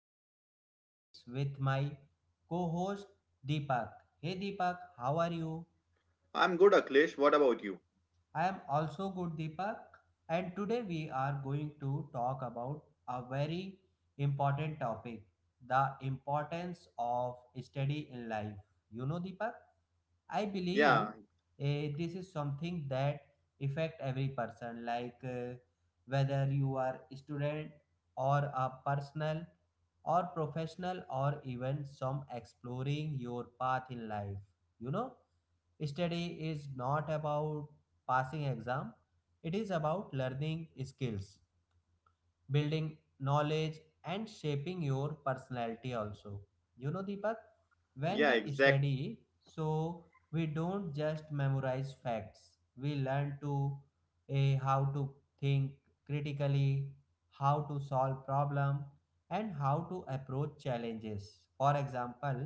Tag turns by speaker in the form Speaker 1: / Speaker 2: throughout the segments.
Speaker 1: I am Akhilesh with my co-host Deepak. Hey Deepak, how are you?
Speaker 2: I'm good, Akhilesh. What about you?
Speaker 1: I am also good Deepak and today we are going to talk about a very important topic, the importance of study in life. You know Deepak? I
Speaker 2: Yeah,
Speaker 1: believe this is something that affect every person, like whether you are a student or a personal or professional or even some exploring your path in life. You know, study is not about passing exam; it is about learning skills building knowledge and shaping your personality also, you know Deepak, when
Speaker 2: yeah,
Speaker 1: we study so we don't just memorize facts. We learn to how to think critically, how to solve problem and how to approach challenges. For example,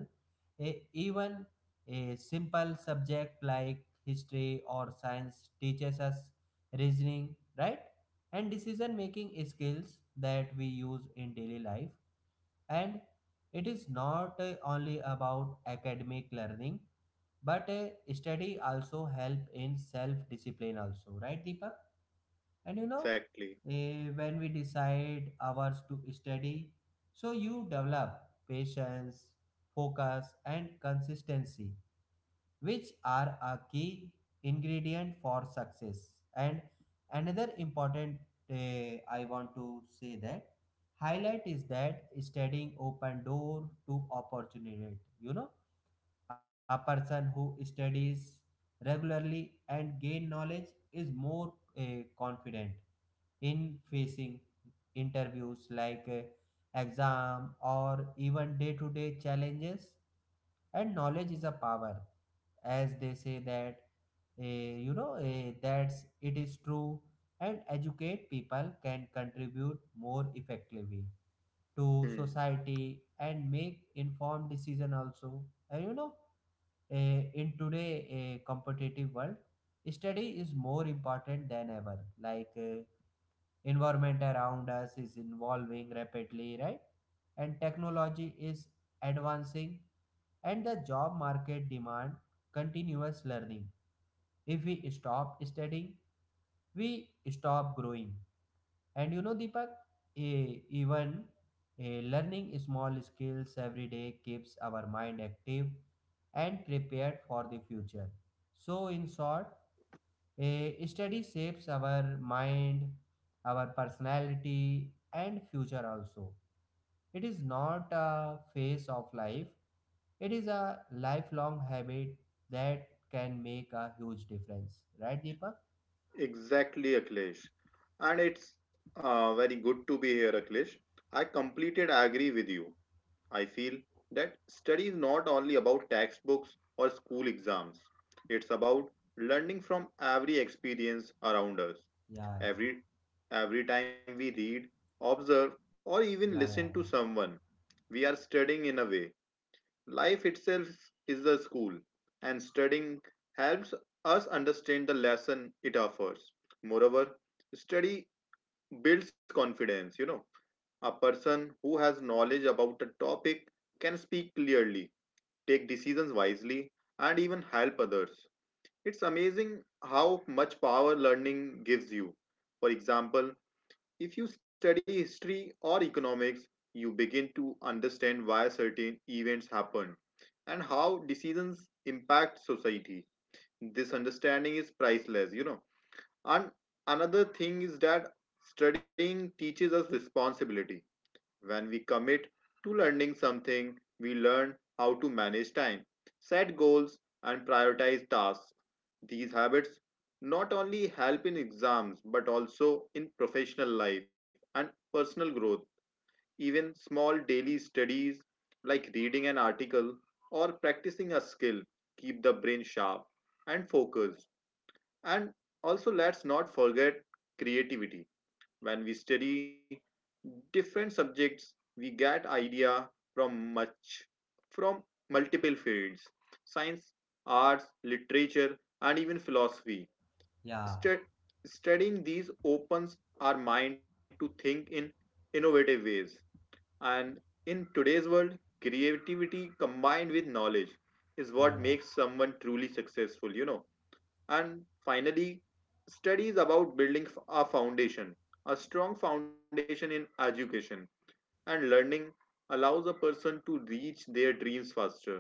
Speaker 1: even a simple subject like history or science teaches us reasoning, right? And decision making skills that we use in daily life. And it is not only about academic learning, but study also help in self discipline also, right Deepak? And you know,
Speaker 2: exactly.
Speaker 1: when we decide hours to study so you develop patience, focus and consistency, which are a key ingredient for success. And another important, uh, I want to say that highlight is that studying open door to opportunity. You know, a person who studies regularly and gain knowledge is more, uh, confident in facing interviews like exam or even day-to-day challenges. And knowledge is a power, as they say that, that's it is true. And educate people can contribute more effectively
Speaker 2: Hmm.
Speaker 1: to society and make informed decision also. And you know, in today a competitive world study is more important than ever. Like environment around us is evolving rapidly, right? And technology is advancing and the job market demand continuous learning. If we stop studying, we stop growing. And you know, Deepak, eh, even learning small skills every day keeps our mind active and prepared for the future. So, in short, a study shapes our mind, our personality, and future also. It is not a phase of life, it is a lifelong habit that can make a huge difference. Right, Deepak?
Speaker 2: Exactly, Akhilesh. And it's very good to be here, Akhilesh. I completed agree with you. I feel that study is not only about textbooks or school exams. It's about learning from every experience around us.
Speaker 1: Yeah,
Speaker 2: Every every time we read, observe, or
Speaker 1: yeah, yeah,
Speaker 2: even listen to someone, we are studying in a way. Life itself is a school, and studying helps us understand the lesson it offers. Moreover, study builds confidence. You know, a person who has knowledge about a topic can speak clearly, take decisions wisely, and even help others. It's amazing how much power learning gives you. For example, if you study history or economics, you begin to understand why certain events happened and how decisions impact society. This understanding is priceless, you know. And another thing is that studying teaches us responsibility. When we commit to learning something, we learn how to manage time, set goals, and prioritize tasks. These habits not only help in exams but also in professional life and personal growth. Even small daily studies like reading an article or practicing a skill keep the brain sharp and focused. And also, let's not forget creativity. When we study different subjects, we get idea from much from multiple fields: science, arts, literature, and even philosophy.
Speaker 1: yeah, yeah,
Speaker 2: Stud- studying these opens our mind to think in innovative ways, and in today's world, creativity combined with knowledge is
Speaker 1: yeah, yeah,
Speaker 2: what
Speaker 1: yeah,
Speaker 2: makes someone truly successful, you know. And finally, studies about building a foundation. A strong foundation in education and learning allows a person to reach their dreams faster.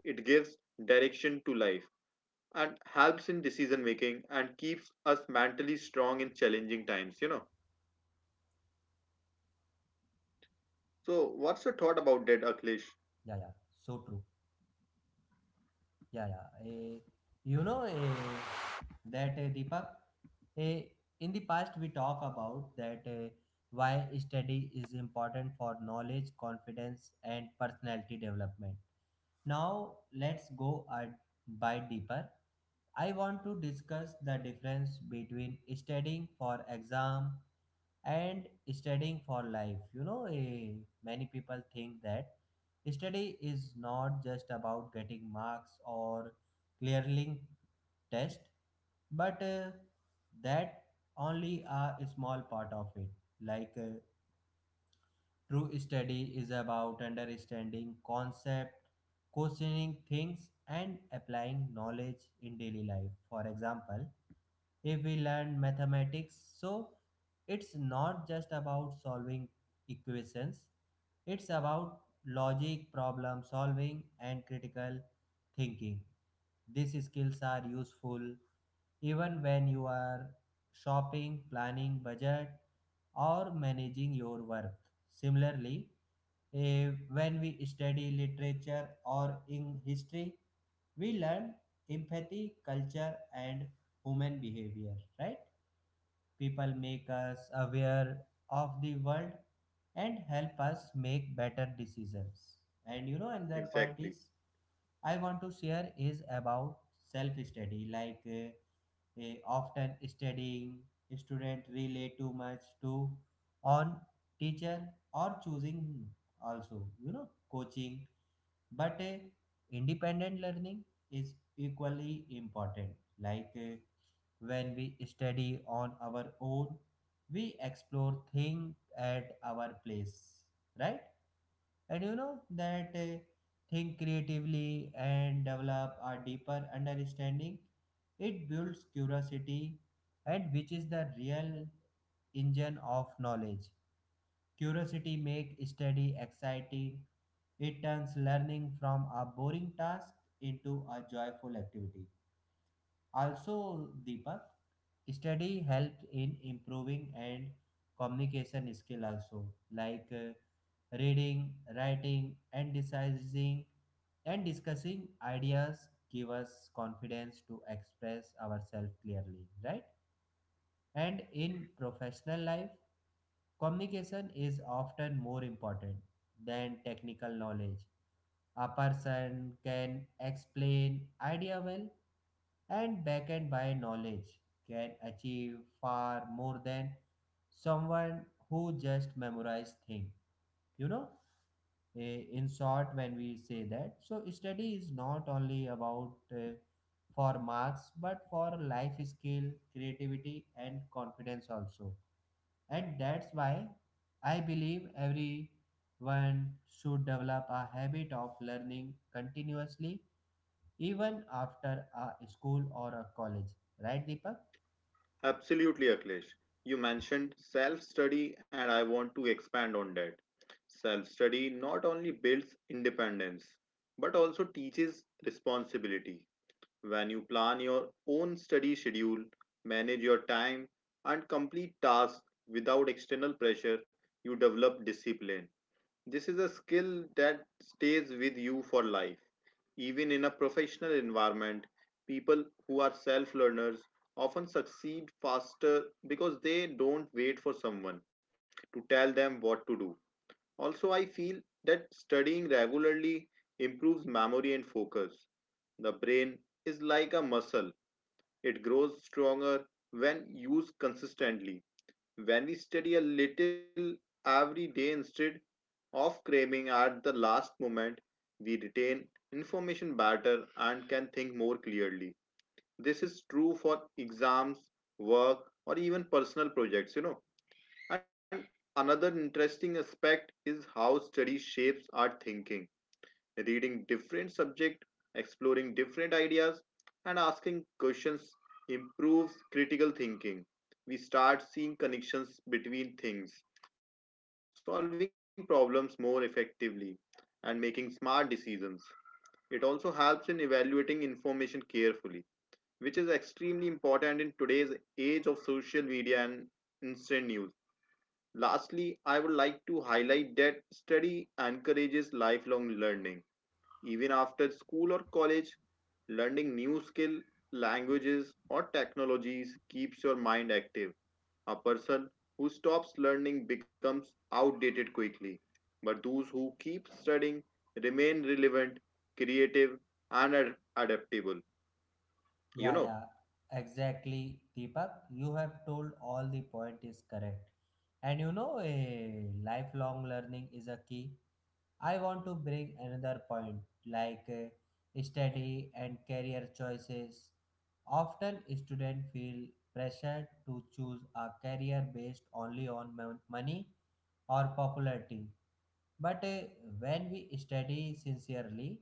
Speaker 2: It gives direction to life and helps in decision making, and keeps us mentally strong in challenging times, you know. So,
Speaker 1: yeah, yeah.
Speaker 2: what's your thought
Speaker 1: So
Speaker 2: about
Speaker 1: true.
Speaker 2: that, Akhilesh?
Speaker 1: Yeah, yeah. You know, that, Deepak. Eh, in the past, we talk about that, why study is important for knowledge, confidence, and personality development. Now let's go a bit deeper. I want to discuss the difference between studying for exam and studying for life. You know, many people think that study is not just about getting marks or clearing test, but that only a small part of it. Like true study is about understanding concept, questioning things and applying knowledge in daily life. For example, if we learn mathematics. So it's not just about solving equations, it's about logic, problem solving, and critical thinking. These skills are useful even when you are shopping, planning budget, or managing your work. Similarly, when we study literature or in history, we learn empathy, culture, and human behavior, right? People make us aware of the world and help us make better decisions. And you know, another point
Speaker 2: Exactly.
Speaker 1: is I want to share is about self study. Like often studying, student relay too much to on teacher or choosing also, you know, coaching. But independent learning is equally important. Like when we study on our own, we explore things at our place, right? And you know that, think creatively and develop a deeper understanding. It builds curiosity, and which is the real engine of knowledge. Curiosity makes study exciting. It turns learning from a boring task into a joyful activity. Also, Deepak, study helps in improving and communication skill also, like reading, writing and deciding and discussing ideas give us confidence to express ourselves clearly, right? And in professional life communication is often more important than technical knowledge. A person can explain idea well and backed by knowledge can achieve far more than someone who just memorize thing, you know. In short when we say that so study is not only about, for marks but for life skill, creativity and confidence also. And that's why I believe everyone should develop a habit of learning continuously even after a school or a college, right, Deepak?
Speaker 2: Absolutely, Akhilesh. You mentioned self study, and I want to expand on that. Self study not only builds independence, but also teaches responsibility. When you plan your own study schedule, manage your time, and complete tasks without external pressure, you develop discipline. This is a skill that stays with you for life. Even in a professional environment, people who are self learners often succeed faster because they don't wait for someone to tell them what to do. Also, I feel that studying regularly improves memory and focus. The brain is like a muscle, it grows stronger when used consistently. When we study a little every day instead of cramming at the last moment, we retain information better and can think more clearly. This is true for exams, work, or even personal projects, you know. And another interesting aspect is how study shapes our thinking. Reading different subjects, exploring different ideas, and asking questions improves critical thinking. We start seeing connections between things, solving problems more effectively, and making smart decisions. It also helps in evaluating information carefully, which is extremely important in today's age of social media and instant news. Lastly, I would like to highlight that study encourages lifelong learning even after school or college. Learning new skill, languages or technologies keeps your mind active. A person who stops learning becomes outdated quickly, but those who keep studying remain relevant, creative, and adaptable,
Speaker 1: Yeah,
Speaker 2: you
Speaker 1: yeah,
Speaker 2: know.
Speaker 1: exactly, Deepak. You have told all the point is correct. And you know, a lifelong learning is a key. I want to bring another point, like study and career choices. Often, students feel pressure to choose a career based only on money or popularity. But when we study sincerely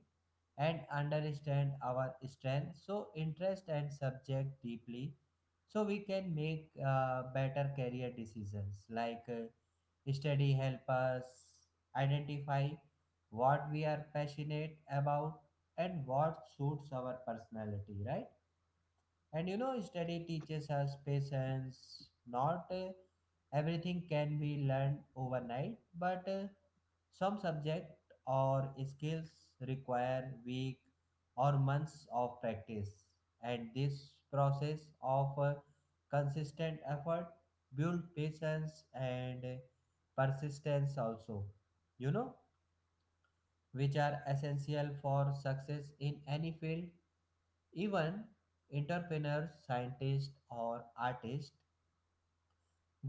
Speaker 1: and understand our strength, so interest and subject deeply, so we can make better career decisions. Like study help us identify what we are passionate about and what suits our personality, right? And you know, study teaches us patience. Not, everything can be learned overnight, but some subject or skills require weeks or months of practice, and this process of, consistent effort builds patience and persistence also, you know, which are essential for success in any field, even entrepreneurs, scientists, or artists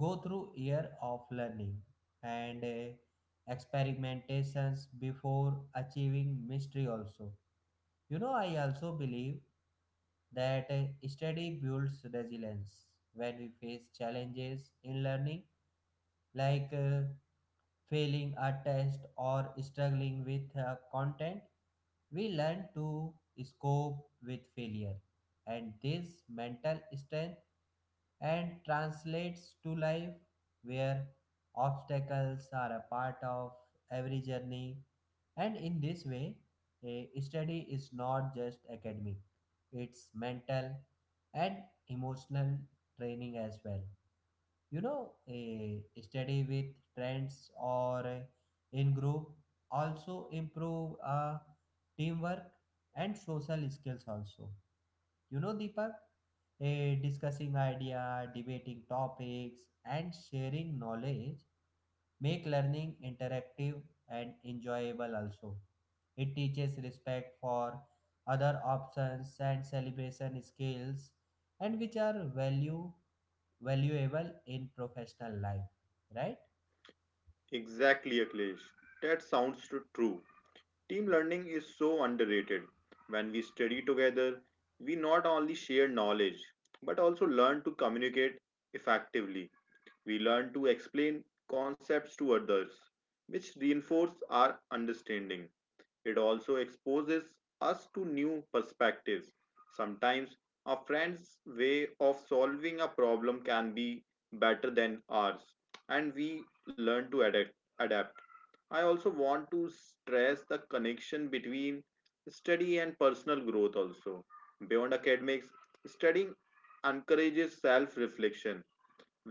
Speaker 1: go through year of learning and, experimentations before achieving mastery also. You know, I also believe that, study builds resilience. When we face challenges in learning, like failing a test or struggling with, content, we learn to cope with failure, and this mental strength and translates to life where obstacles are a part of every journey. And in this way a study is not just academic, it's mental and emotional training as well. You know, a study with trends or, in group also improve, teamwork and social skills also, you know Deepak, a discussing idea, debating topics and sharing knowledge make learning interactive and enjoyable also. It teaches respect for other options and celebration skills, and which are value valuable in professional life, right?
Speaker 2: Exactly, Akhilesh. That sounds true. Team learning is so underrated. When we study together, we not only share knowledge but also learn to communicate effectively. We learn to explain concepts to others, which reinforce our understanding. It also exposes us to new perspectives. Sometimes a friend's way of solving a problem can be better than ours, and we learn to adapt. I also want to stress the connection between study and personal growth also. Beyond academics, studying encourages self reflection.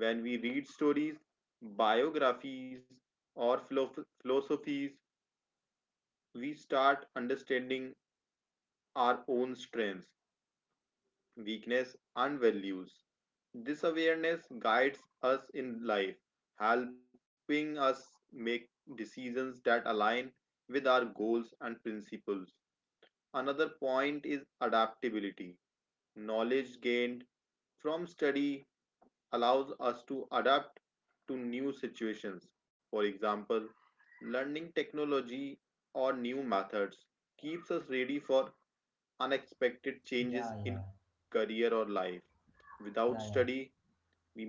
Speaker 2: When we read stories, biographies, or philosophies, we start understanding our own strengths, weakness, and values. This awareness guides us in life, helping us make decisions that align with our goals and principles. Another point is adaptability. Knowledge gained from study allows us to adapt to new situations. For example, learning technology or new methods keeps us ready for unexpected
Speaker 1: Yeah,
Speaker 2: changes
Speaker 1: yeah,
Speaker 2: in career or life.
Speaker 1: yeah,
Speaker 2: Without
Speaker 1: yeah.
Speaker 2: study,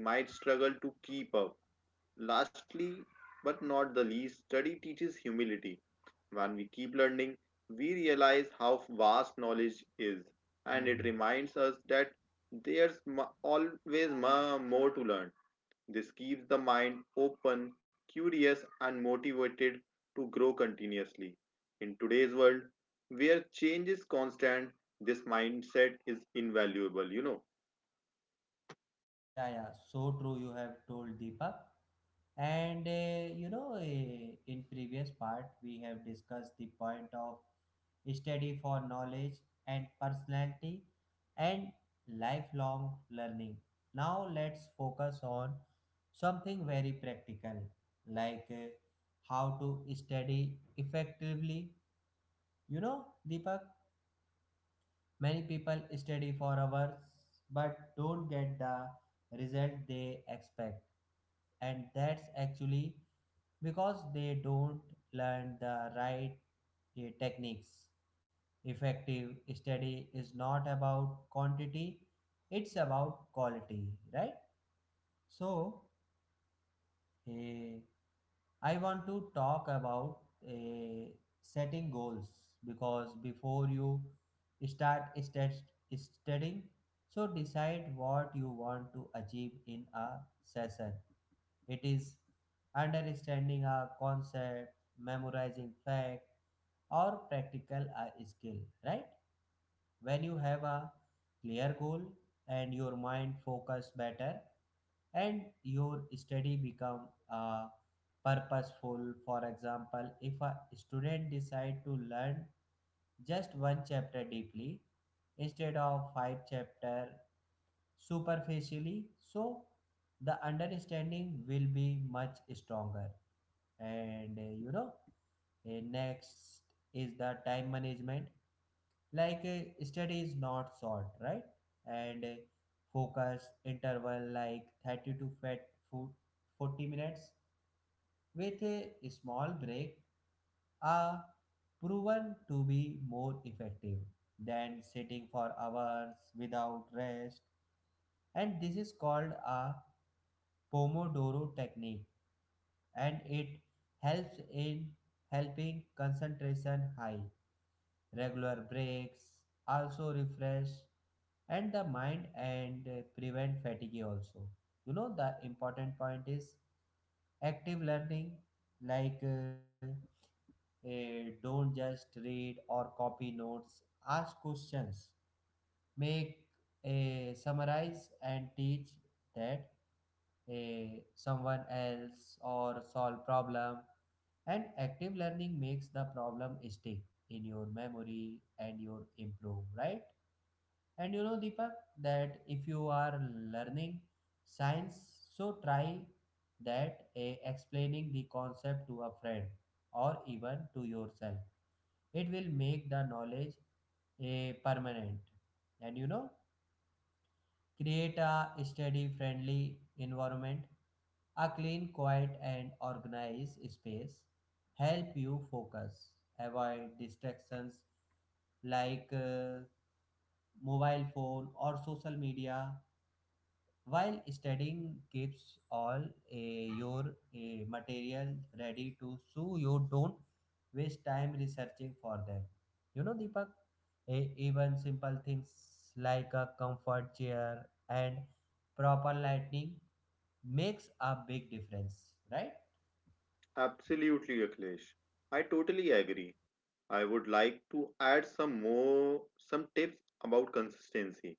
Speaker 2: we might struggle to keep up. Lastly, but not the least, study teaches humility. When we keep learning, we realize how vast knowledge is, and it
Speaker 1: Hmm.
Speaker 2: reminds us that there's always more to learn. This keeps the mind open, curious, and motivated to grow continuously. In today's world, where change is constant, this mindset is invaluable, you know.
Speaker 1: Yeah, yeah. So true. You have told Deepak. And, you know, in previous part, we have discussed the point of study for knowledge and personality and lifelong learning. Now, let's focus on something very practical, like how to study effectively. You know, Deepak, many people study for hours but don't get the result they expect, and that's actually because they don't learn the right, techniques. Effective study is not about quantity, it's about quality, right? So, Eh, I want to talk about, eh, setting goals because before you start stat- studying, so decide what you want to achieve in a session. It is understanding a concept, memorizing fact, or practical a skill, right? When you have a clear goal and your mind focus better and your study become, uh, purposeful. For example, if a student decide to learn just one chapter deeply instead of five chapter superficially, so the understanding will be much stronger. And, next is the time management. Like study is not short, right? And, focus interval like 30 to 40 minutes with a small break are proven to be more effective than sitting for hours without rest. And this is called a pomodoro technique and it helps in helping concentration high. Regular breaks also refresh and the mind and, prevent fatigue also. You know the important point is active learning. Like don't just read or copy notes, ask questions, make a summarize and teach that a someone else or solve problem. And active learning makes the problem stick in your memory and your improve, right? And you know, Deepak, that if you are learning science, so try that, explaining the concept to a friend or even to yourself. It will make the knowledge a permanent. And you know, create a study friendly environment, a clean, quiet, and organized space. Help you focus. Avoid distractions like mobile phone or social media. While studying keeps all, eh, your material ready to so you don't waste time researching for them. You know, Deepak, even simple things like a comfort chair and proper lighting makes a big difference, right?
Speaker 2: Absolutely, Akhilesh. I totally agree. I would like to add some more some tips about consistency.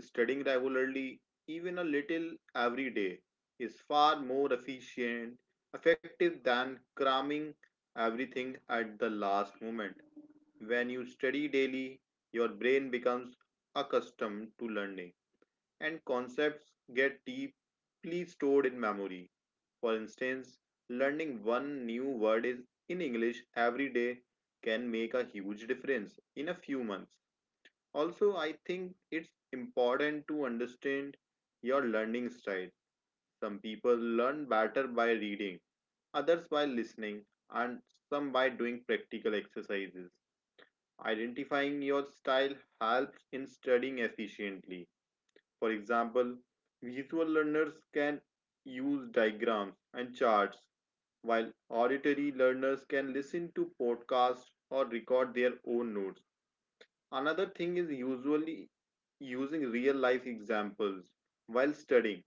Speaker 2: Studying regularly, even a little every day, is far more effective than cramming everything at the last moment. When you study daily, your brain becomes accustomed to learning, and concepts get deeply stored in memory. For instance, learning one new word is in English every day can make a huge difference in a few months. Also, I think it's important to understand your learning style. Some people learn better by reading, others by listening, and some by doing practical exercises. Identifying your style helps in studying efficiently. For example, visual learners can use diagrams and charts, while auditory learners can listen to podcasts or record their own notes. Another thing is usually using real life examples while studying.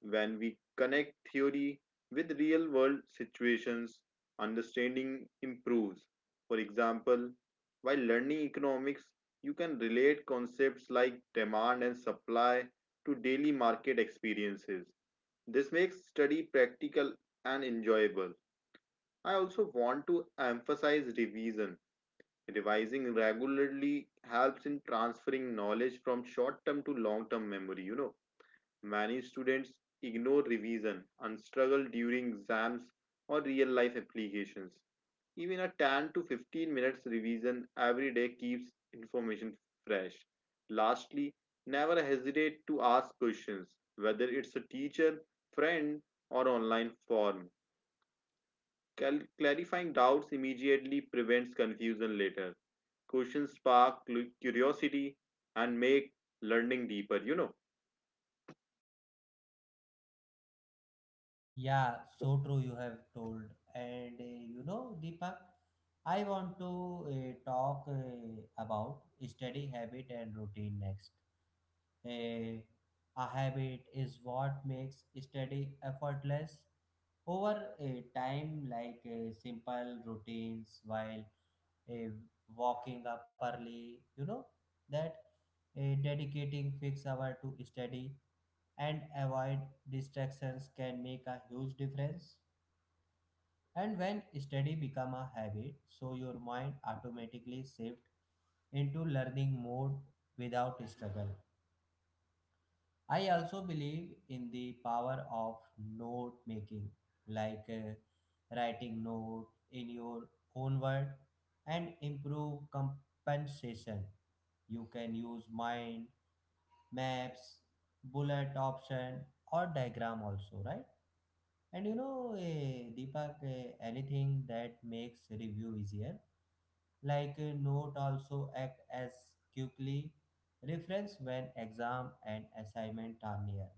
Speaker 2: When we connect theory with real world situations, understanding improves. For example, while learning economics, you can relate concepts like demand and supply to daily market experiences. This makes study practical and enjoyable. I also want to emphasize revision. Revising regularly helps in transferring knowledge from short term to long term memory. You know, many students ignore revision and struggle during exams or real life applications. Even a 10 to 15 minutes revision every day keeps information fresh. Lastly, never hesitate to ask questions, whether it's a teacher, friend, or online form. Clarifying doubts immediately prevents confusion later. Questions spark curiosity and make learning deeper, you know.
Speaker 1: Yeah, so true. You have told. And you know, Deepak, I want to talk about study habit and routine next. A, a habit is what makes study effortless over a time. Like simple routines while a walking up early, you know, that a dedicating fixed hour to study and avoid distractions can make a huge difference. And when study become a habit, so your mind automatically shift into learning mode without struggle. I also believe in the power of note making, like writing note in your own word and improve compensation. You can use mind, maps, bullet option or diagram also, right? And you know, Deepak, anything that makes review easier, like a note also act as quickly reference when exam and assignment are near.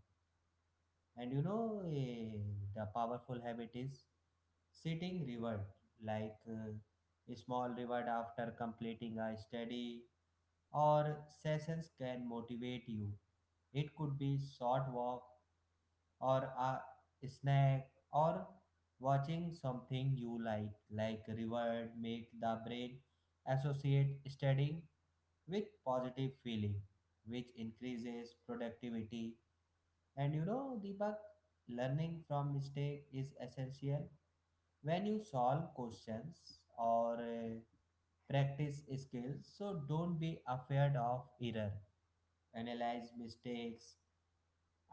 Speaker 1: And you know, the powerful habit is sitting reward, like a small reward after completing a study or sessions can motivate you. It could be short walk or a snack or watching something you like reward make the brain associate studying with positive feeling, which increases productivity. And you know, Deepak, learning from mistake is essential when you solve questions or practice skills. So don't be afraid of error. Analyze mistakes,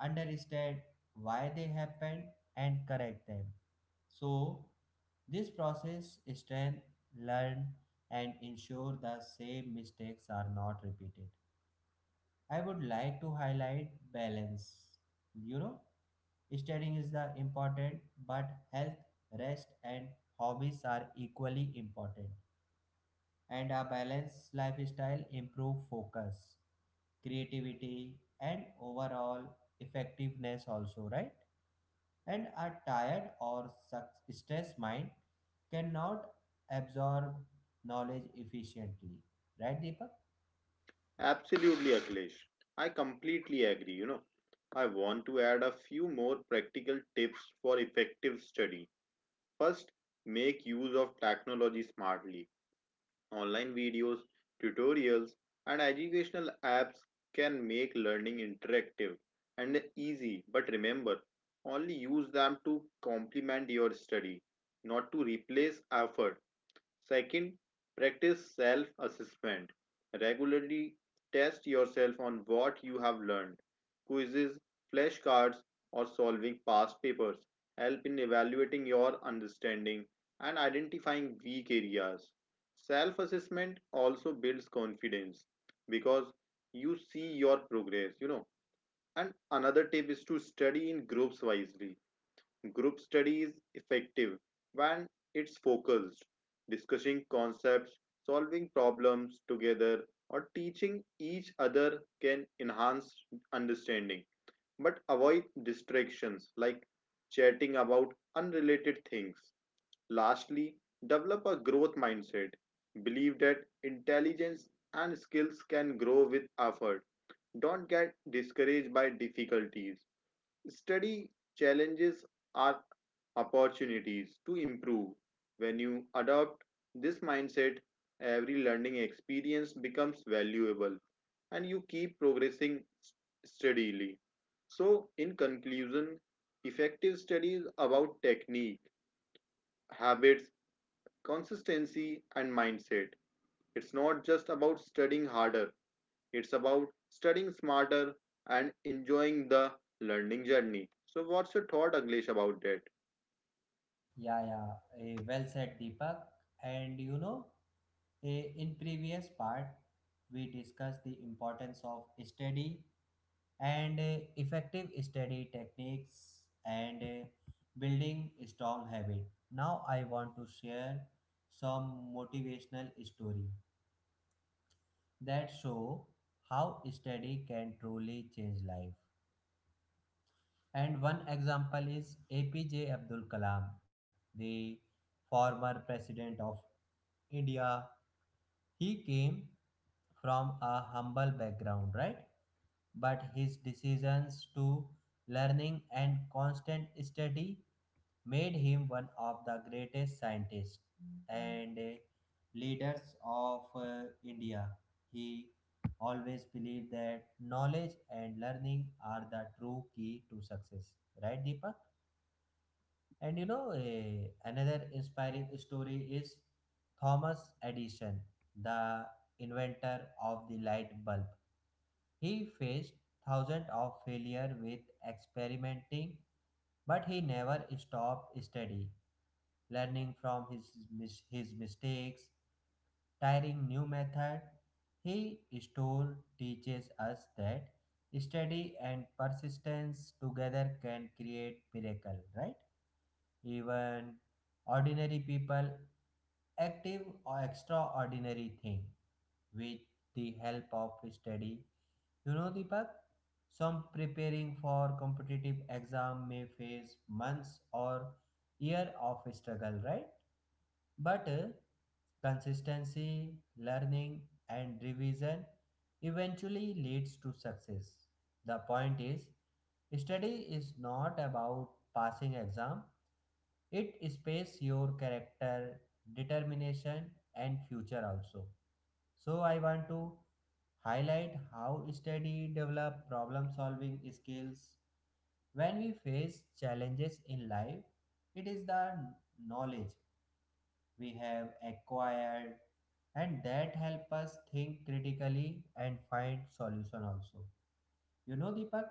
Speaker 1: understand why they happened, and correct them. So this process strength learn and ensure the same mistakes are not repeated. I would like to highlight balance. You know, studying is the important, but health, rest, and hobbies are equally important. And a balanced lifestyle improve focus, creativity, and overall effectiveness also, right? And a tired or stressed mind cannot absorb knowledge efficiently, right, Deepak?
Speaker 2: Absolutely, Akhilesh. I completely agree, you know. I want to add a few more practical tips for effective study. First, make use of technology smartly. Online videos, tutorials, and educational apps can make learning interactive and easy, but remember, only use them to complement your study, not to replace effort. Second, practice self assessment. Regularly test yourself on what you have learned. Quizzes, flashcards, or solving past papers help in evaluating your understanding and identifying weak areas. Self assessment also builds confidence because you see your progress, you know. And another tip is to study in groups wisely. Group study is effective when it's focused. Discussing concepts, solving problems together, or teaching each other can enhance understanding, but avoid distractions like chatting about unrelated things. Lastly, develop a growth mindset. Believe that intelligence and skills can grow with effort. Don't get discouraged by difficulties. Study challenges are opportunities to improve. When you adopt this mindset, every learning experience becomes valuable and you keep progressing steadily. So, in conclusion, effective study is about technique, habits, consistency, and mindset. It's not just about studying harder, it's about studying smarter and enjoying the learning journey. So, what's your thought, Aglesh, about that?
Speaker 1: Yeah, yeah, well said, Deepak. And you know, in previous part, we discussed the importance of study and effective study techniques and building strong habit. Now I want to share some motivational story that show how study can truly change life. And one example is APJ Abdul Kalam, the former president of India. He came from a humble background, right? But his decisions to learning and constant study made him one of the greatest scientists and leaders of India. He always believed that knowledge and learning are the true key to success. Right, Deepak? And you know, another inspiring story is Thomas Edison, the inventor of the light bulb. He faced thousands of failure with experimenting, but he never stopped study, learning from his mistakes, trying new method. He still teaches us that study and persistence together can create miracle, right? Even ordinary people active or extraordinary thing with the help of study. You know, Deepak, some preparing for competitive exam may face months or year of struggle, right? But consistency, learning, and revision eventually leads to success. The point is, study is not about passing exam, it space your character, determination, and future also. So I want to highlight how study develop problem solving skills. When we face challenges in life, it is the knowledge we have acquired and that help us think critically and find solution also. You know, Deepak,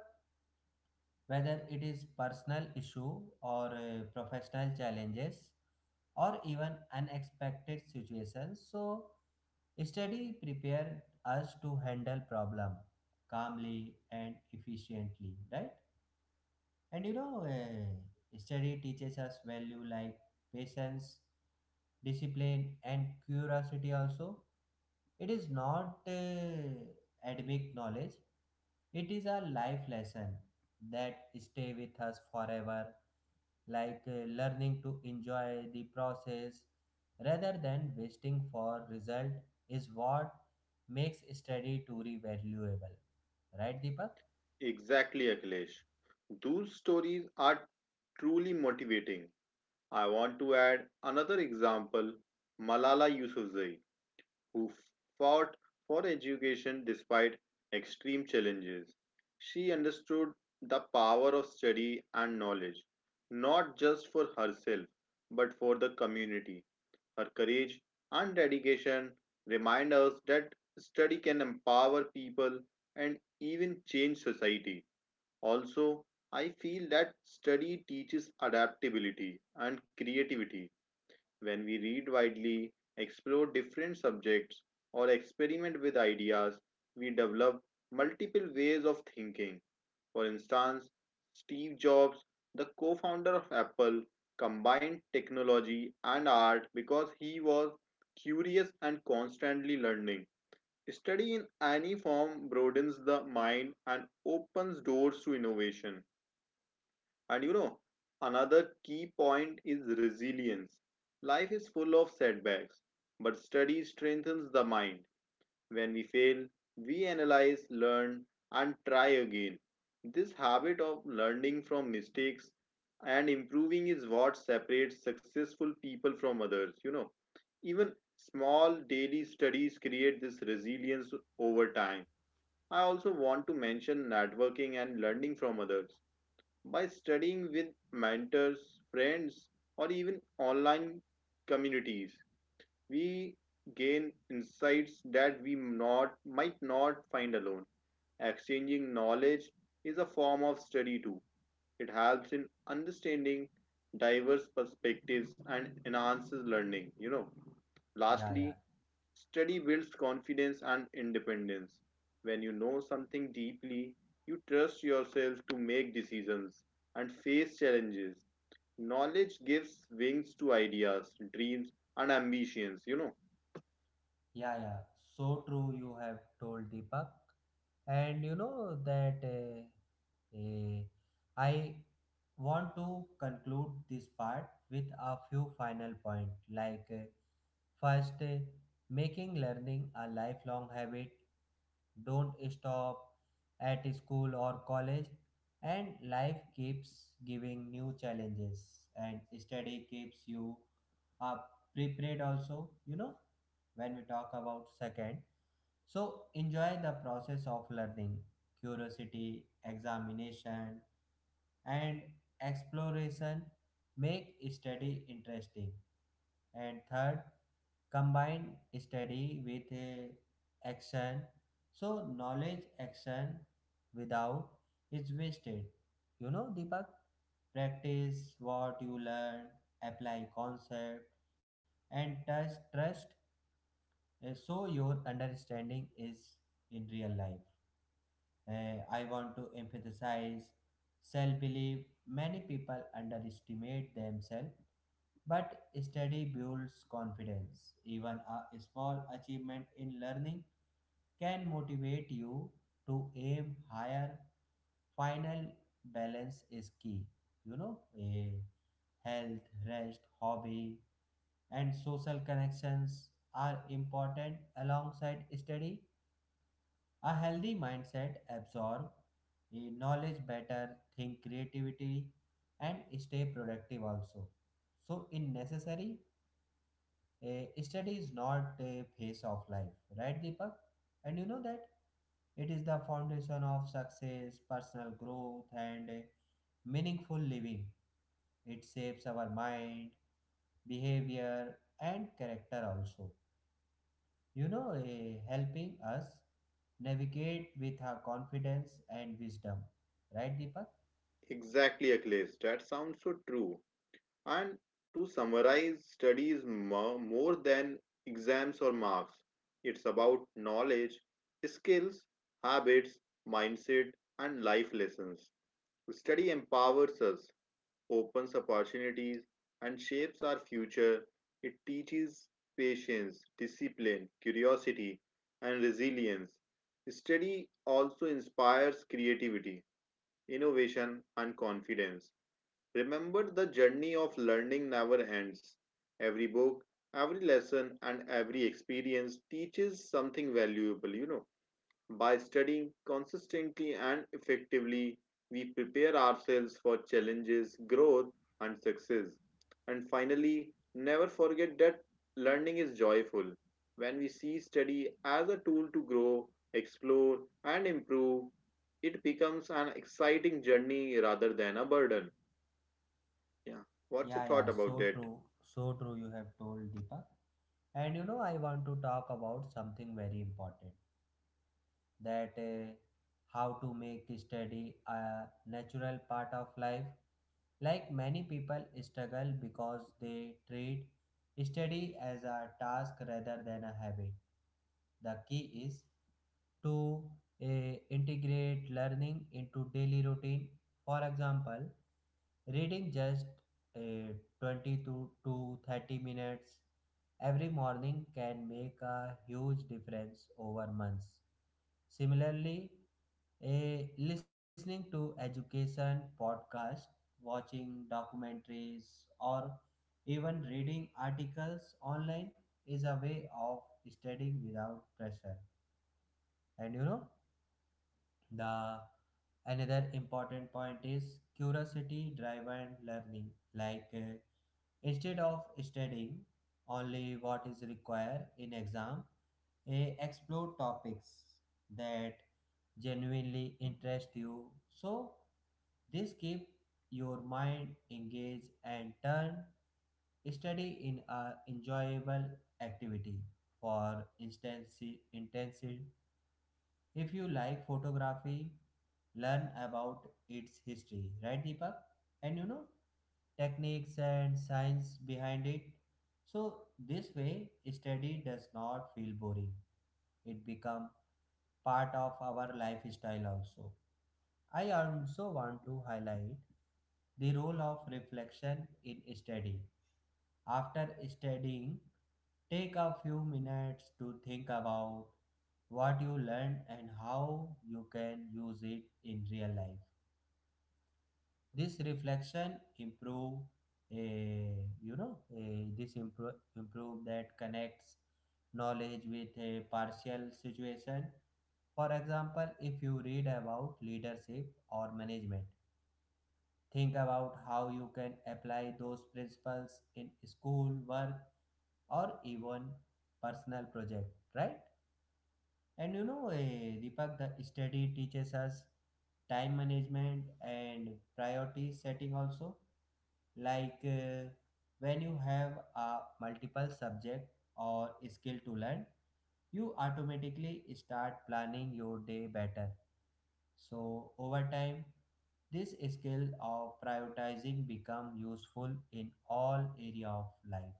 Speaker 1: whether it is personal issue or professional challenges or even unexpected situations, so study prepared us to handle problem calmly and efficiently, right? And you know, study teaches us value like patience, discipline, and curiosity also. It is not academic knowledge, it is a life lesson that stay with us forever, like learning to enjoy the process rather than waiting for result is what makes study truly valuable. Right, Deepak?
Speaker 2: Exactly, Akhilesh. Those stories are truly motivating. I want to add another example: Malala Yousafzai, who fought for education despite extreme challenges. She understood the power of study and knowledge, not just for herself, but for the community. Her courage and dedication remind us that study can empower people and even change society. Also, I feel that study teaches adaptability and creativity. When we read widely, explore different subjects, or experiment with ideas, we develop multiple ways of thinking. For instance, Steve Jobs, the co founder of Apple, combined technology and art because he was curious and constantly learning. Study in any form broadens the mind and opens doors to innovation. And you know, another key point is resilience. Life is full of setbacks, but study strengthens the mind. When we fail, we analyze, learn, and try again. This habit of learning from mistakes and improving is what separates successful people from others. You know, even small daily studies create this resilience over time. I also want to mention networking and learning from others. By studying with mentors, friends, or even online communities, we gain insights that we not, might not find alone. Exchanging knowledge is a form of study too. It helps in understanding diverse perspectives and enhances learning. You know,
Speaker 1: Yeah, yeah.
Speaker 2: lastly, study builds confidence and independence. When you know something deeply, you trust yourself to make decisions and face challenges. Knowledge gives wings to ideas, dreams, and ambitions, you know.
Speaker 1: Yeah, yeah, so true. You have told, Deepak, and you know that uh, I want to conclude this part with a few final point. Like, first, making learning a lifelong habit. Don't stop at school or college, and life keeps giving new challenges, and study keeps you up prepared also. You know, when we talk about second. So, enjoy the process of learning, curiosity, examination, and exploration make study interesting. And third, combine study with action, so knowledge action without is wasted. You know, Deepak, practice what you learn, apply concept, and trust so your understanding is in real life. I want to emphasize self belief. Many people underestimate themselves, but study builds confidence. Even a small achievement in learning can motivate you to aim higher. Final, balance is key. You know, a health, rest, hobby, and social connections are important alongside study. A healthy mindset absorb knowledge better, think creativity, and stay productive also. So, in necessary, a study is not a phase of life, right, Deepak? And you know that it is the foundation of success, personal growth, and a meaningful living. It shapes our mind, behavior, and character also. You know, helping us navigate with our confidence and wisdom, right, Deepak?
Speaker 2: Exactly, Akhilesh. That sounds so true. And to summarize, study is more than exams or marks. It's about knowledge, skills, habits, mindset, and life lessons. Study empowers us, opens opportunities, and shapes our future. It teaches patience, discipline, curiosity, and resilience. Study also inspires creativity, innovation, and confidence. Remember, the journey of learning never ends. Every book, every lesson, and every experience teaches something valuable, you know. By studying consistently and effectively, we prepare ourselves for challenges, growth, and success. And finally, never forget that learning is joyful. When we see study as a tool to grow, explore, and improve, it becomes an exciting journey rather than a burden. Yeah. What's your
Speaker 1: Yeah, yeah,
Speaker 2: thought
Speaker 1: so
Speaker 2: about that?
Speaker 1: true. So true. You have told, Deepak, and you know, I want to talk about something very important, that how to make study a natural part of life. Like, many people struggle because they treat study as a task rather than a habit. The key is to integrate learning into daily routine. For example, reading just uh, 20 to 30 minutes every morning can make a huge difference over months. Similarly, a listening to education podcast, watching documentaries, or even reading articles online is a way of studying without pressure. And you know, the another important point is curiosity driven learning. Like instead of studying only what is required in exam, explore topics that genuinely interest you. So this keep your mind engaged and turn study in a enjoyable activity. For instance, intensive, if you like photography, learn about its history, right, Deepak? And you know, techniques and science behind it, so this way study does not feel boring, it become part of our lifestyle also. I also want to highlight the role of reflection in study. After studying, take a few minutes to think about what you learned and how you can use it in real life. This reflection improve, a you know, a this improve that connects knowledge with a partial situation. For example, if you read about leadership or management, think about how you can apply those principles in school, work, or even personal project, right? And you know, Deepak, the study teaches us time management and priority setting also. Like, when you have a multiple subject or skill to learn, you automatically start planning your day better. So over time, this skill of prioritizing become useful in all area of life,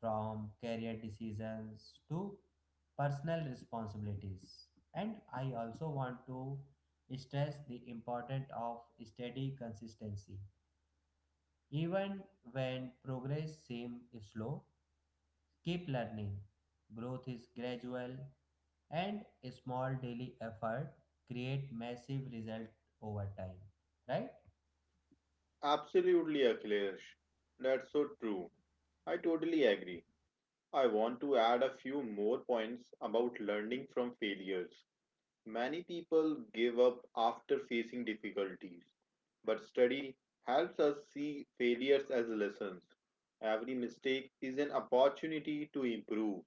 Speaker 1: from career decisions to personal responsibilities. And I also want to stress the importance of steady consistency. Even when progress seems slow, keep learning. Growth is gradual, and a small daily effort create massive result over time. Right?
Speaker 2: Absolutely, Akhilesh. That's so true. I totally agree. I want to add a few more points about learning from failures. Many people give up after facing difficulties, but study helps us see failures as lessons. Every mistake is an opportunity to improve.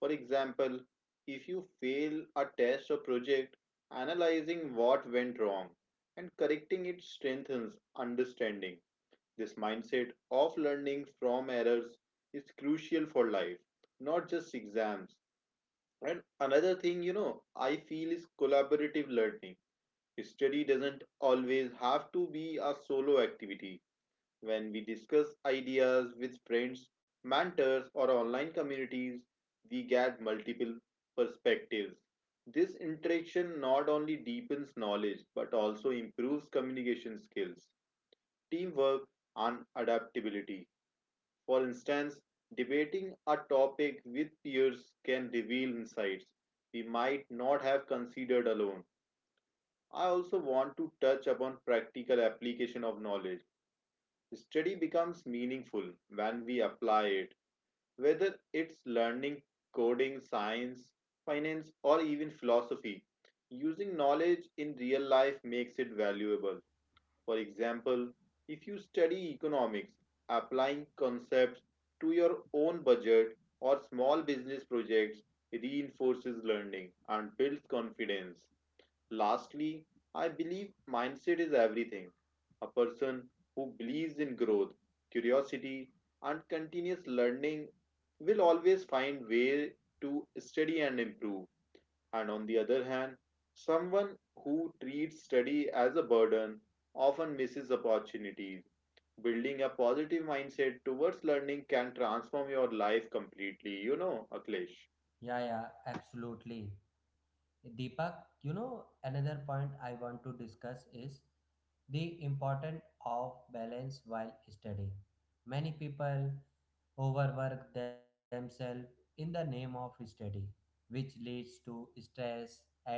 Speaker 2: For example, if you fail a test or project, analyzing what went wrong and correcting it strengthens understanding. This mindset of learning from errors is crucial for life, not just exams. And another thing, I feel is collaborative learning. Study doesn't always have to be a solo activity. When we discuss ideas with friends, mentors, or online communities, we get multiple perspectives. This interaction not only deepens knowledge but also improves communication skills, teamwork, and adaptability. For instance, debating a topic with peers can reveal insights we might not have considered alone. I also want to touch upon practical application of knowledge. Study becomes meaningful when we apply it, whether it's learning, coding, science, finance, or even philosophy. Using knowledge in real life makes it valuable. For example, if you study economics, applying concepts to your own budget or small business projects reinforces learning and builds confidence. Lastly, I believe mindset is everything. A person who believes in growth, curiosity, and continuous learning will always find way to study and improve. And on the other hand, someone who treats study as a burden often misses opportunities. Building a positive mindset towards learning can transform your life completely, you know, Aklesh.
Speaker 1: Yeah, yeah, absolutely. Deepak, you know, another point I want to discuss is the importance of balance while studying. Many people overwork themselves in the name of study, which leads to stress and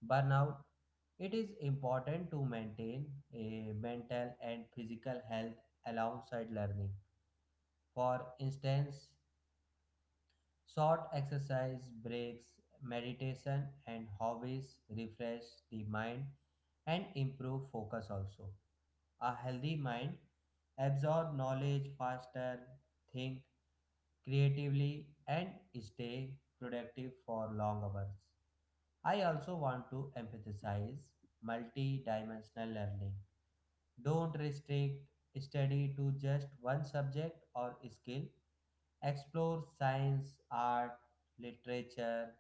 Speaker 1: burnout. It is important to maintain a mental and physical health alongside learning. For instance, short exercise breaks, meditation, and hobbies refresh the mind and improve focus also. A healthy mind absorb knowledge faster, think creatively, and stay productive for long hours. I also want to emphasize multi-dimensional learning. Don't restrict study to just one subject or skill. Explore science, art, literature,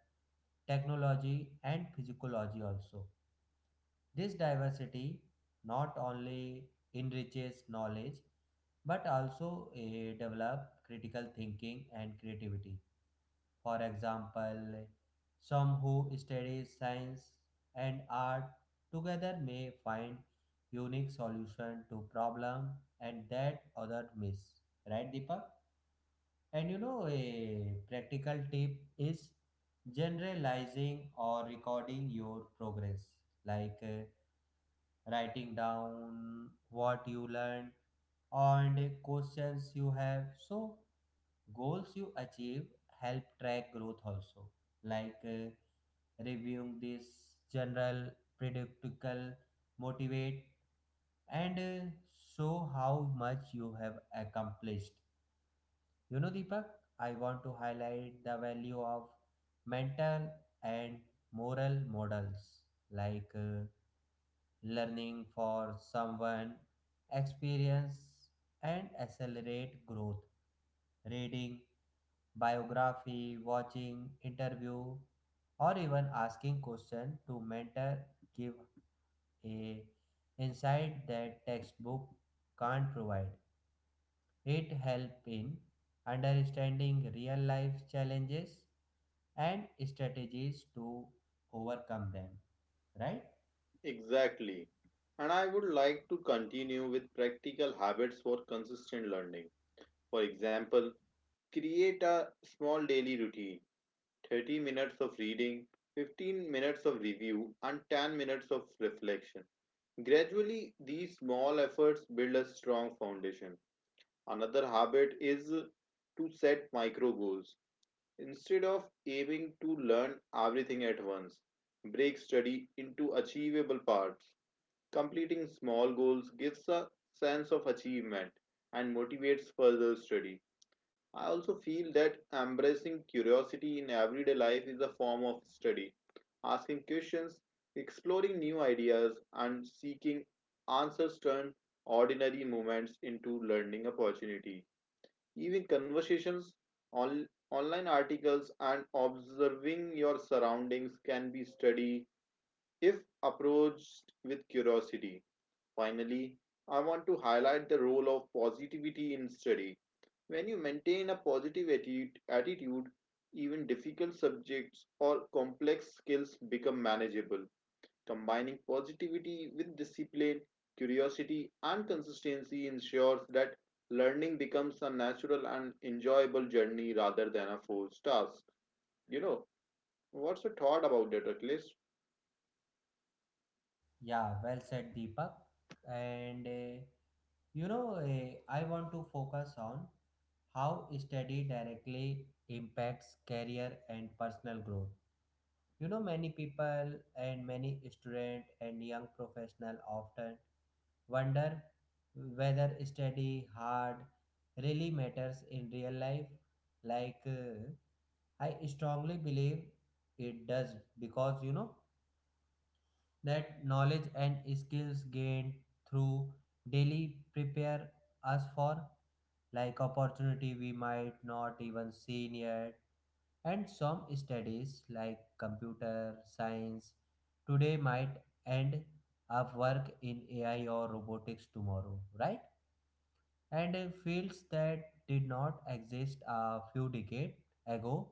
Speaker 1: technology, and physiology also. This diversity not only enriches knowledge but also develop critical thinking and creativity. For example, some who study science and art together may find unique solution to problem and that other miss. Right, Deepak? And you know, a practical tip is generalizing or recording your progress, like writing down what you learned and questions you have. So goals you achieve help track growth also, like reviewing this general predictable motivate and show how much you have accomplished. You know, Deepak, I want to highlight the value of mental and moral models, like learning for someone experience and accelerate growth, reading biography, watching interview, or even asking question to mentor give a insight that textbook can't provide. It help in understanding real life challenges and strategies to overcome them, right?
Speaker 2: Exactly. And I would like to continue with practical habits for consistent learning. For example, create a small daily routine: 30 minutes of reading, 15 minutes of review, and 10 minutes of reflection. Gradually, these small efforts build a strong foundation. Another habit is to set micro goals. Instead of aiming to learn everything at once, break study into achievable parts. Completing small goals gives a sense of achievement and motivates further study. I also feel that embracing curiosity in everyday life is a form of study. Asking questions, exploring new ideas, and seeking answers turn ordinary moments into learning opportunity. Even conversations, online articles, and observing your surroundings can be studied if approached with curiosity. Finally, I want to highlight the role of positivity in study. When you maintain a positive attitude, even difficult subjects or complex skills become manageable. Combining positivity with discipline, curiosity, and consistency ensures that learning becomes a natural and enjoyable journey rather than a forced task. You know, what's your thought about that, Akhilesh?
Speaker 1: Yeah, well said, Deepak. And you know, I want to focus on how study directly impacts career and personal growth. You know, many people and many student and young professional often wonder whether study hard really matters in real life. Like, I strongly believe it does, because you know that knowledge and skills gained through daily prepare us for like opportunity we might not even see yet. And some studies like computer science today might end up work in AI or robotics tomorrow, right? And fields that did not exist a few decades ago.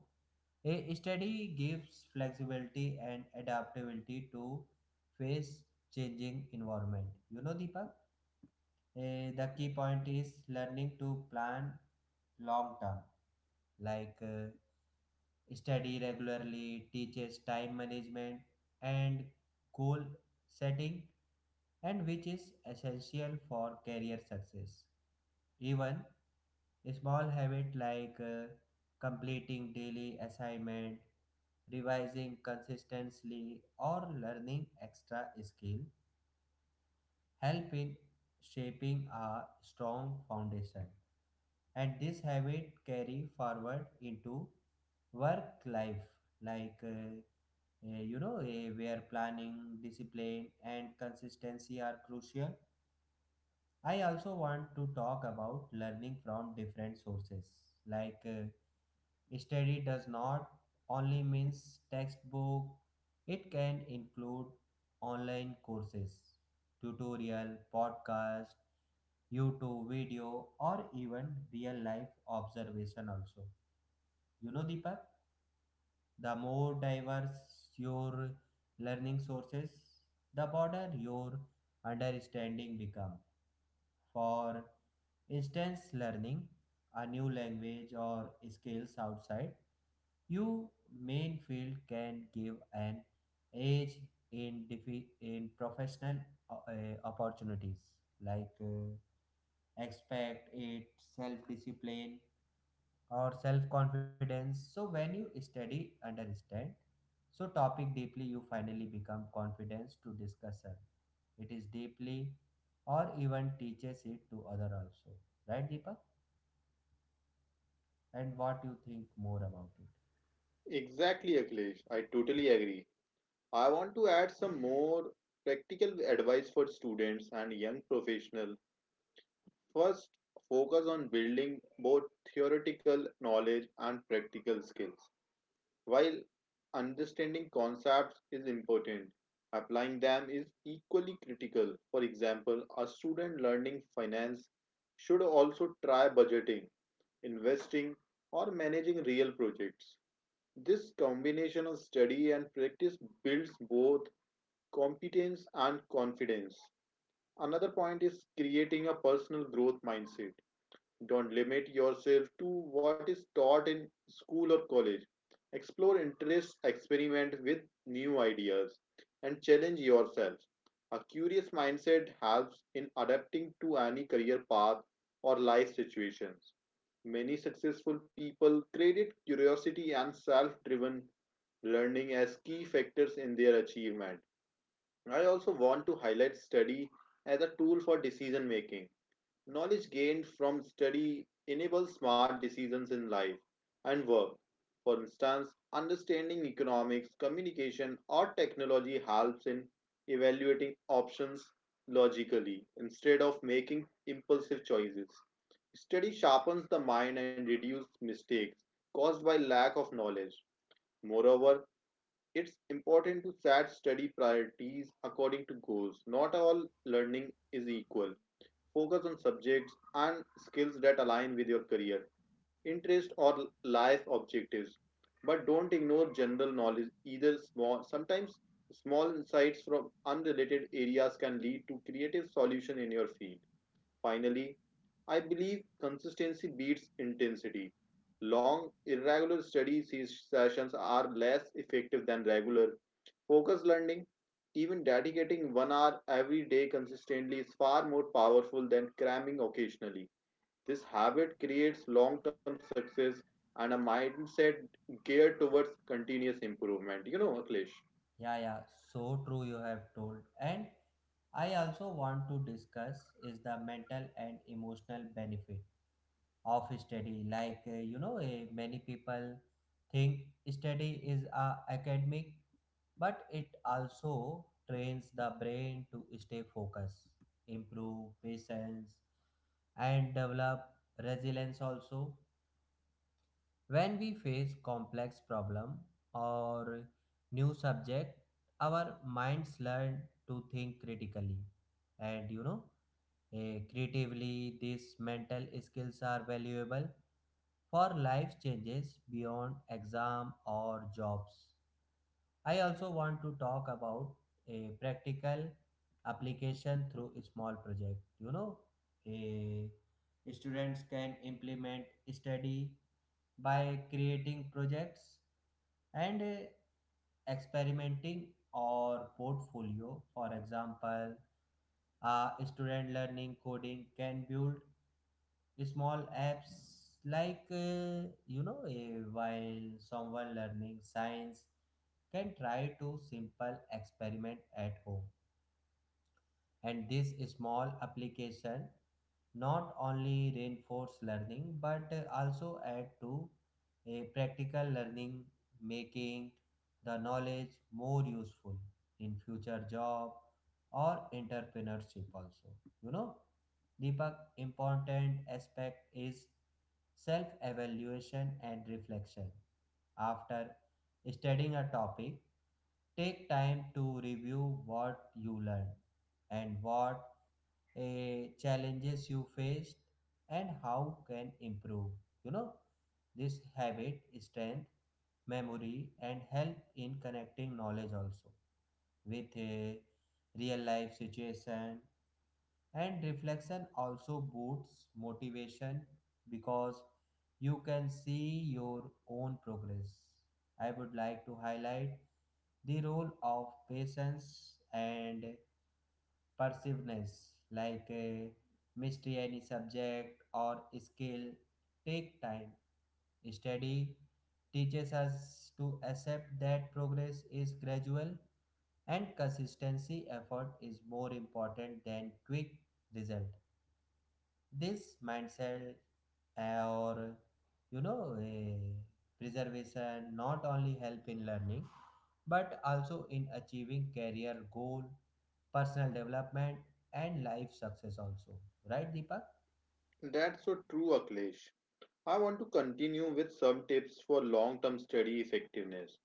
Speaker 1: A study gives flexibility and adaptability to face changing environment. You know, Deepak, the key point is learning to plan long term, like study regularly teaches time management and goal setting, and which is essential for career success. Even small habit like completing daily assignment, revising consistently or learning extra skill help in shaping a strong foundation, and this habit carry forward into work life, like where planning, discipline and consistency are crucial. I also want to talk about learning from different sources, like study does not only means textbook, it can include online courses, tutorial podcast, youtube video or even real life observation also. You know, Deepak, the more diverse your learning sources, the broader your understanding become. For instance, learning a new language or skills outside your main field can give an edge in in professional opportunities, like expect it self discipline or self confidence. So when you study, understand. So topic deeply, you finally become confidence to discussion. It is deeply, or even teaches it to other also, right, Deepak? And what you think more about it?
Speaker 2: Exactly, Akhilesh. I totally agree. I want to add some more practical advice for students and young professionals. First, focus on building both theoretical knowledge and practical skills. While understanding concepts is important, applying them is equally critical. For example, a student learning finance should also try budgeting, investing, or managing real projects. This combination of study and practice builds both competence and confidence. Another point is creating a personal growth mindset. Don't limit yourself to what is taught in school or college. Explore interests, experiment with new ideas, and challenge yourself. A curious mindset helps in adapting to any career path or life situations. Many successful people credit curiosity and self driven learning as key factors in their achievement. I also want to highlight study as a tool for decision making. Knowledge gained from study enables smart decisions in life and work. For instance, understanding economics, communication, or technology helps in evaluating options logically instead of making impulsive choices. Study sharpens the mind and reduces mistakes caused by lack of knowledge. Moreover, it's important to set study priorities according to goals. Not all learning is equal. Focus on subjects and skills that align with your career, interest, or life objectives. But don't ignore general knowledge either. Small, sometimes small insights from unrelated areas can lead to creative solutions in your field. Finally, I believe consistency beats intensity. Long, irregular study sessions are less effective than regular, focus learning. Even dedicating 1 hour every day consistently is far more powerful than cramming occasionally. This habit creates long term success and a mindset geared towards continuous improvement. You know, Akhilesh.
Speaker 1: Yeah, yeah. So true. You have told, and I also want to discuss is the mental and emotional benefit of study like many people think study is a academic but it also trains the brain to stay focused, improve patience, and develop resilience also. When we face complex problem or new subject, our minds learn to think critically and, creatively. These mental skills are valuable for life changes beyond exam or jobs. I also want to talk about a practical application through a small project. You know, a students can implement study by creating projects and experimenting or portfolio. For example, a student learning coding can build small apps like while someone learning science can try to simple experiment at home, and this small application not only reinforce learning but also add to a practical learning, making the knowledge more useful in future job or entrepreneurship also. You know Deepak, important aspect is self evaluation and reflection. After studying a topic, take time to review what you learned and what challenges you faced and how can improve. You know, this habit strength memory and help in connecting knowledge also with a real life situation. And reflection also boosts motivation, because you can see your own progress. I would like to highlight the role of patience and Persiveness, like a mystery, any subject or skill, take time. Study teaches us to accept that progress is gradual and consistency effort is more important than quick result. This mindset, or a preservation, not only help in learning but also in achieving career goal, personal development, and life success also, right Deepak?
Speaker 2: That's so true, Akhilesh. I want to continue with some tips for long term study effectiveness.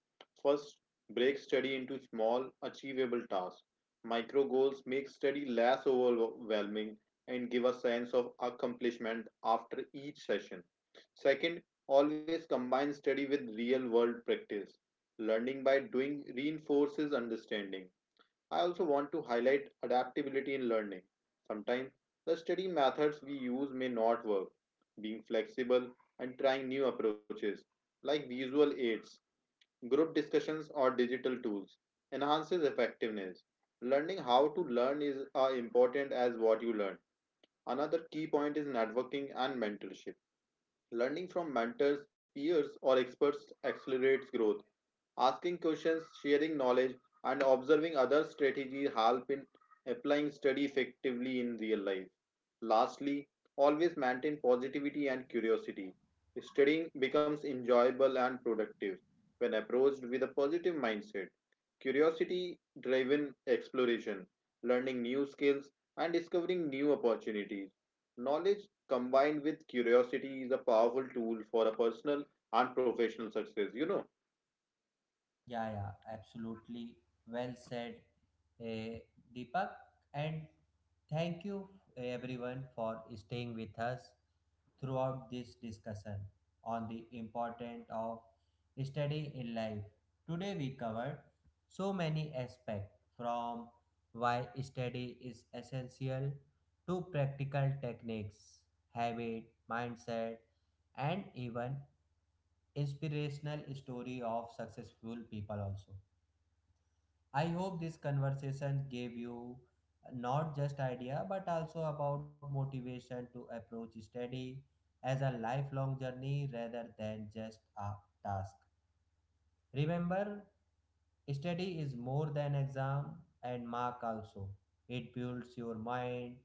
Speaker 2: First, break study into small, achievable tasks. Micro goals make study less overwhelming and give a sense of accomplishment after each session. Second, always combine study with real world practice. Learning by doing reinforces understanding. I also want to highlight adaptability in learning. Sometimes the study methods we use may not work. Being flexible and trying new approaches like visual aids, group discussions, or digital tools enhances effectiveness. Learning how to learn is as important as what you learn. Another key point is networking and mentorship. Learning from mentors, peers, or experts accelerates growth. Asking questions, sharing knowledge, and observing other strategies help in applying study effectively in real life. Lastly, always maintain positivity and curiosity. Studying becomes enjoyable and productive when approached with a positive mindset. Curiosity driven exploration, learning new skills, and discovering new opportunities. Knowledge combined with curiosity is a powerful tool for a personal and professional success. You know,
Speaker 1: Yeah, yeah, absolutely. Well said, eh, Deepak. And thank you everyone for staying with us throughout this discussion on the importance of study in life. Today we covered so many aspects, from why study is essential to practical techniques, habit, mindset, and even inspirational story of successful people also. I hope this conversation gave you not just idea but also about motivation to approach study as a lifelong journey rather than just a task. Remember, study is more than exam and mark also. It builds your mind,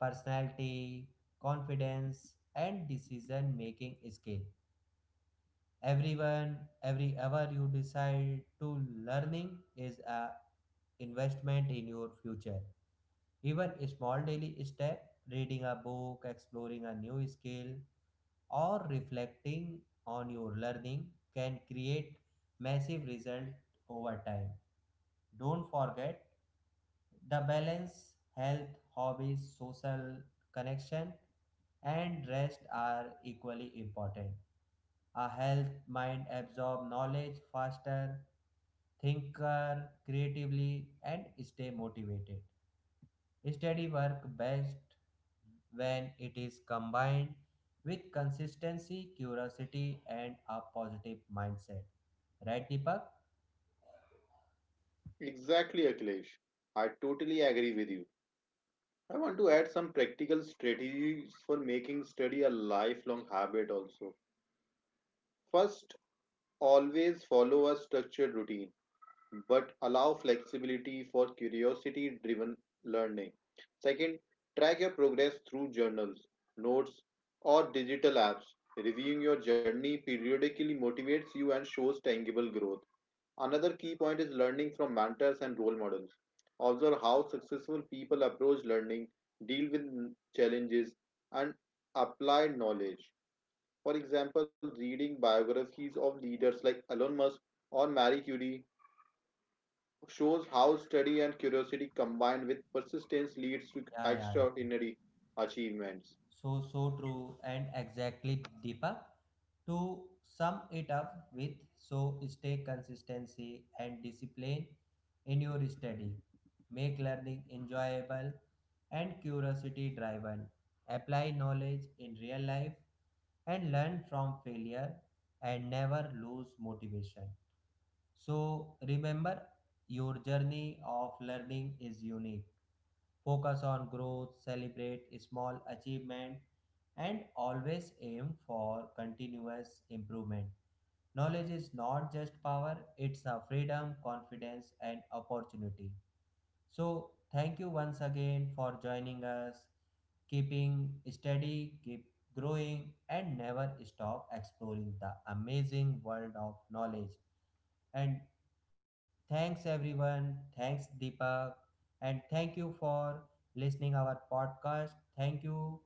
Speaker 1: personality, confidence, and decision making skill. Everyone, every hour you decide to learning is a investment in your future. Even a small daily step, reading a book, exploring a new skill, or reflecting on your learning, can create massive result over time. Don't forget the balance, health, hobbies, social connection, and rest are equally important. A health mind absorbs knowledge faster, thinker creatively, and stay motivated. Study work best when it is combined with consistency, curiosity, and a positive mindset. Right, Deepak?
Speaker 2: exactly, Akhilesh. I totally agree with you. I want to add some practical strategies for making study a lifelong habit also. First, always follow a structured routine, but allow flexibility for curiosity driven learning. Second, track your progress through journals, notes, or digital apps. Reviewing your journey periodically motivates you and shows tangible growth. Another key point is learning from mentors and role models. Observe how successful people approach learning, deal with challenges, and apply knowledge. For example, reading biographies of leaders like Elon Musk or Marie Curie shows how study and curiosity combined with persistence leads to
Speaker 1: Yeah, yeah, yeah.
Speaker 2: extraordinary achievements.
Speaker 1: So, so true, and exactly Deepa. To sum it up with, so stay consistency and discipline in your study. Make learning enjoyable and curiosity driven. Apply knowledge in real life and learn from failure, and never lose motivation. So remember, your journey of learning is unique. Focus on growth, celebrate small achievement, and always aim for continuous improvement. Knowledge is not just power, it's a freedom, confidence, and opportunity. So, thank you once again for joining us. Keeping steady, keep growing, and never stop exploring the amazing world of knowledge. And thanks everyone. Thanks Deepak. And thank you for listening our podcast. Thank you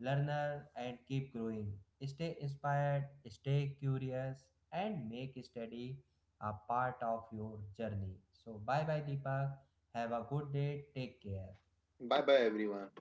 Speaker 1: learner and keep growing. Stay inspired, stay curious, and make study a part of your journey. So bye bye Deepak. Have a good day. Take care.
Speaker 2: Bye bye, everyone.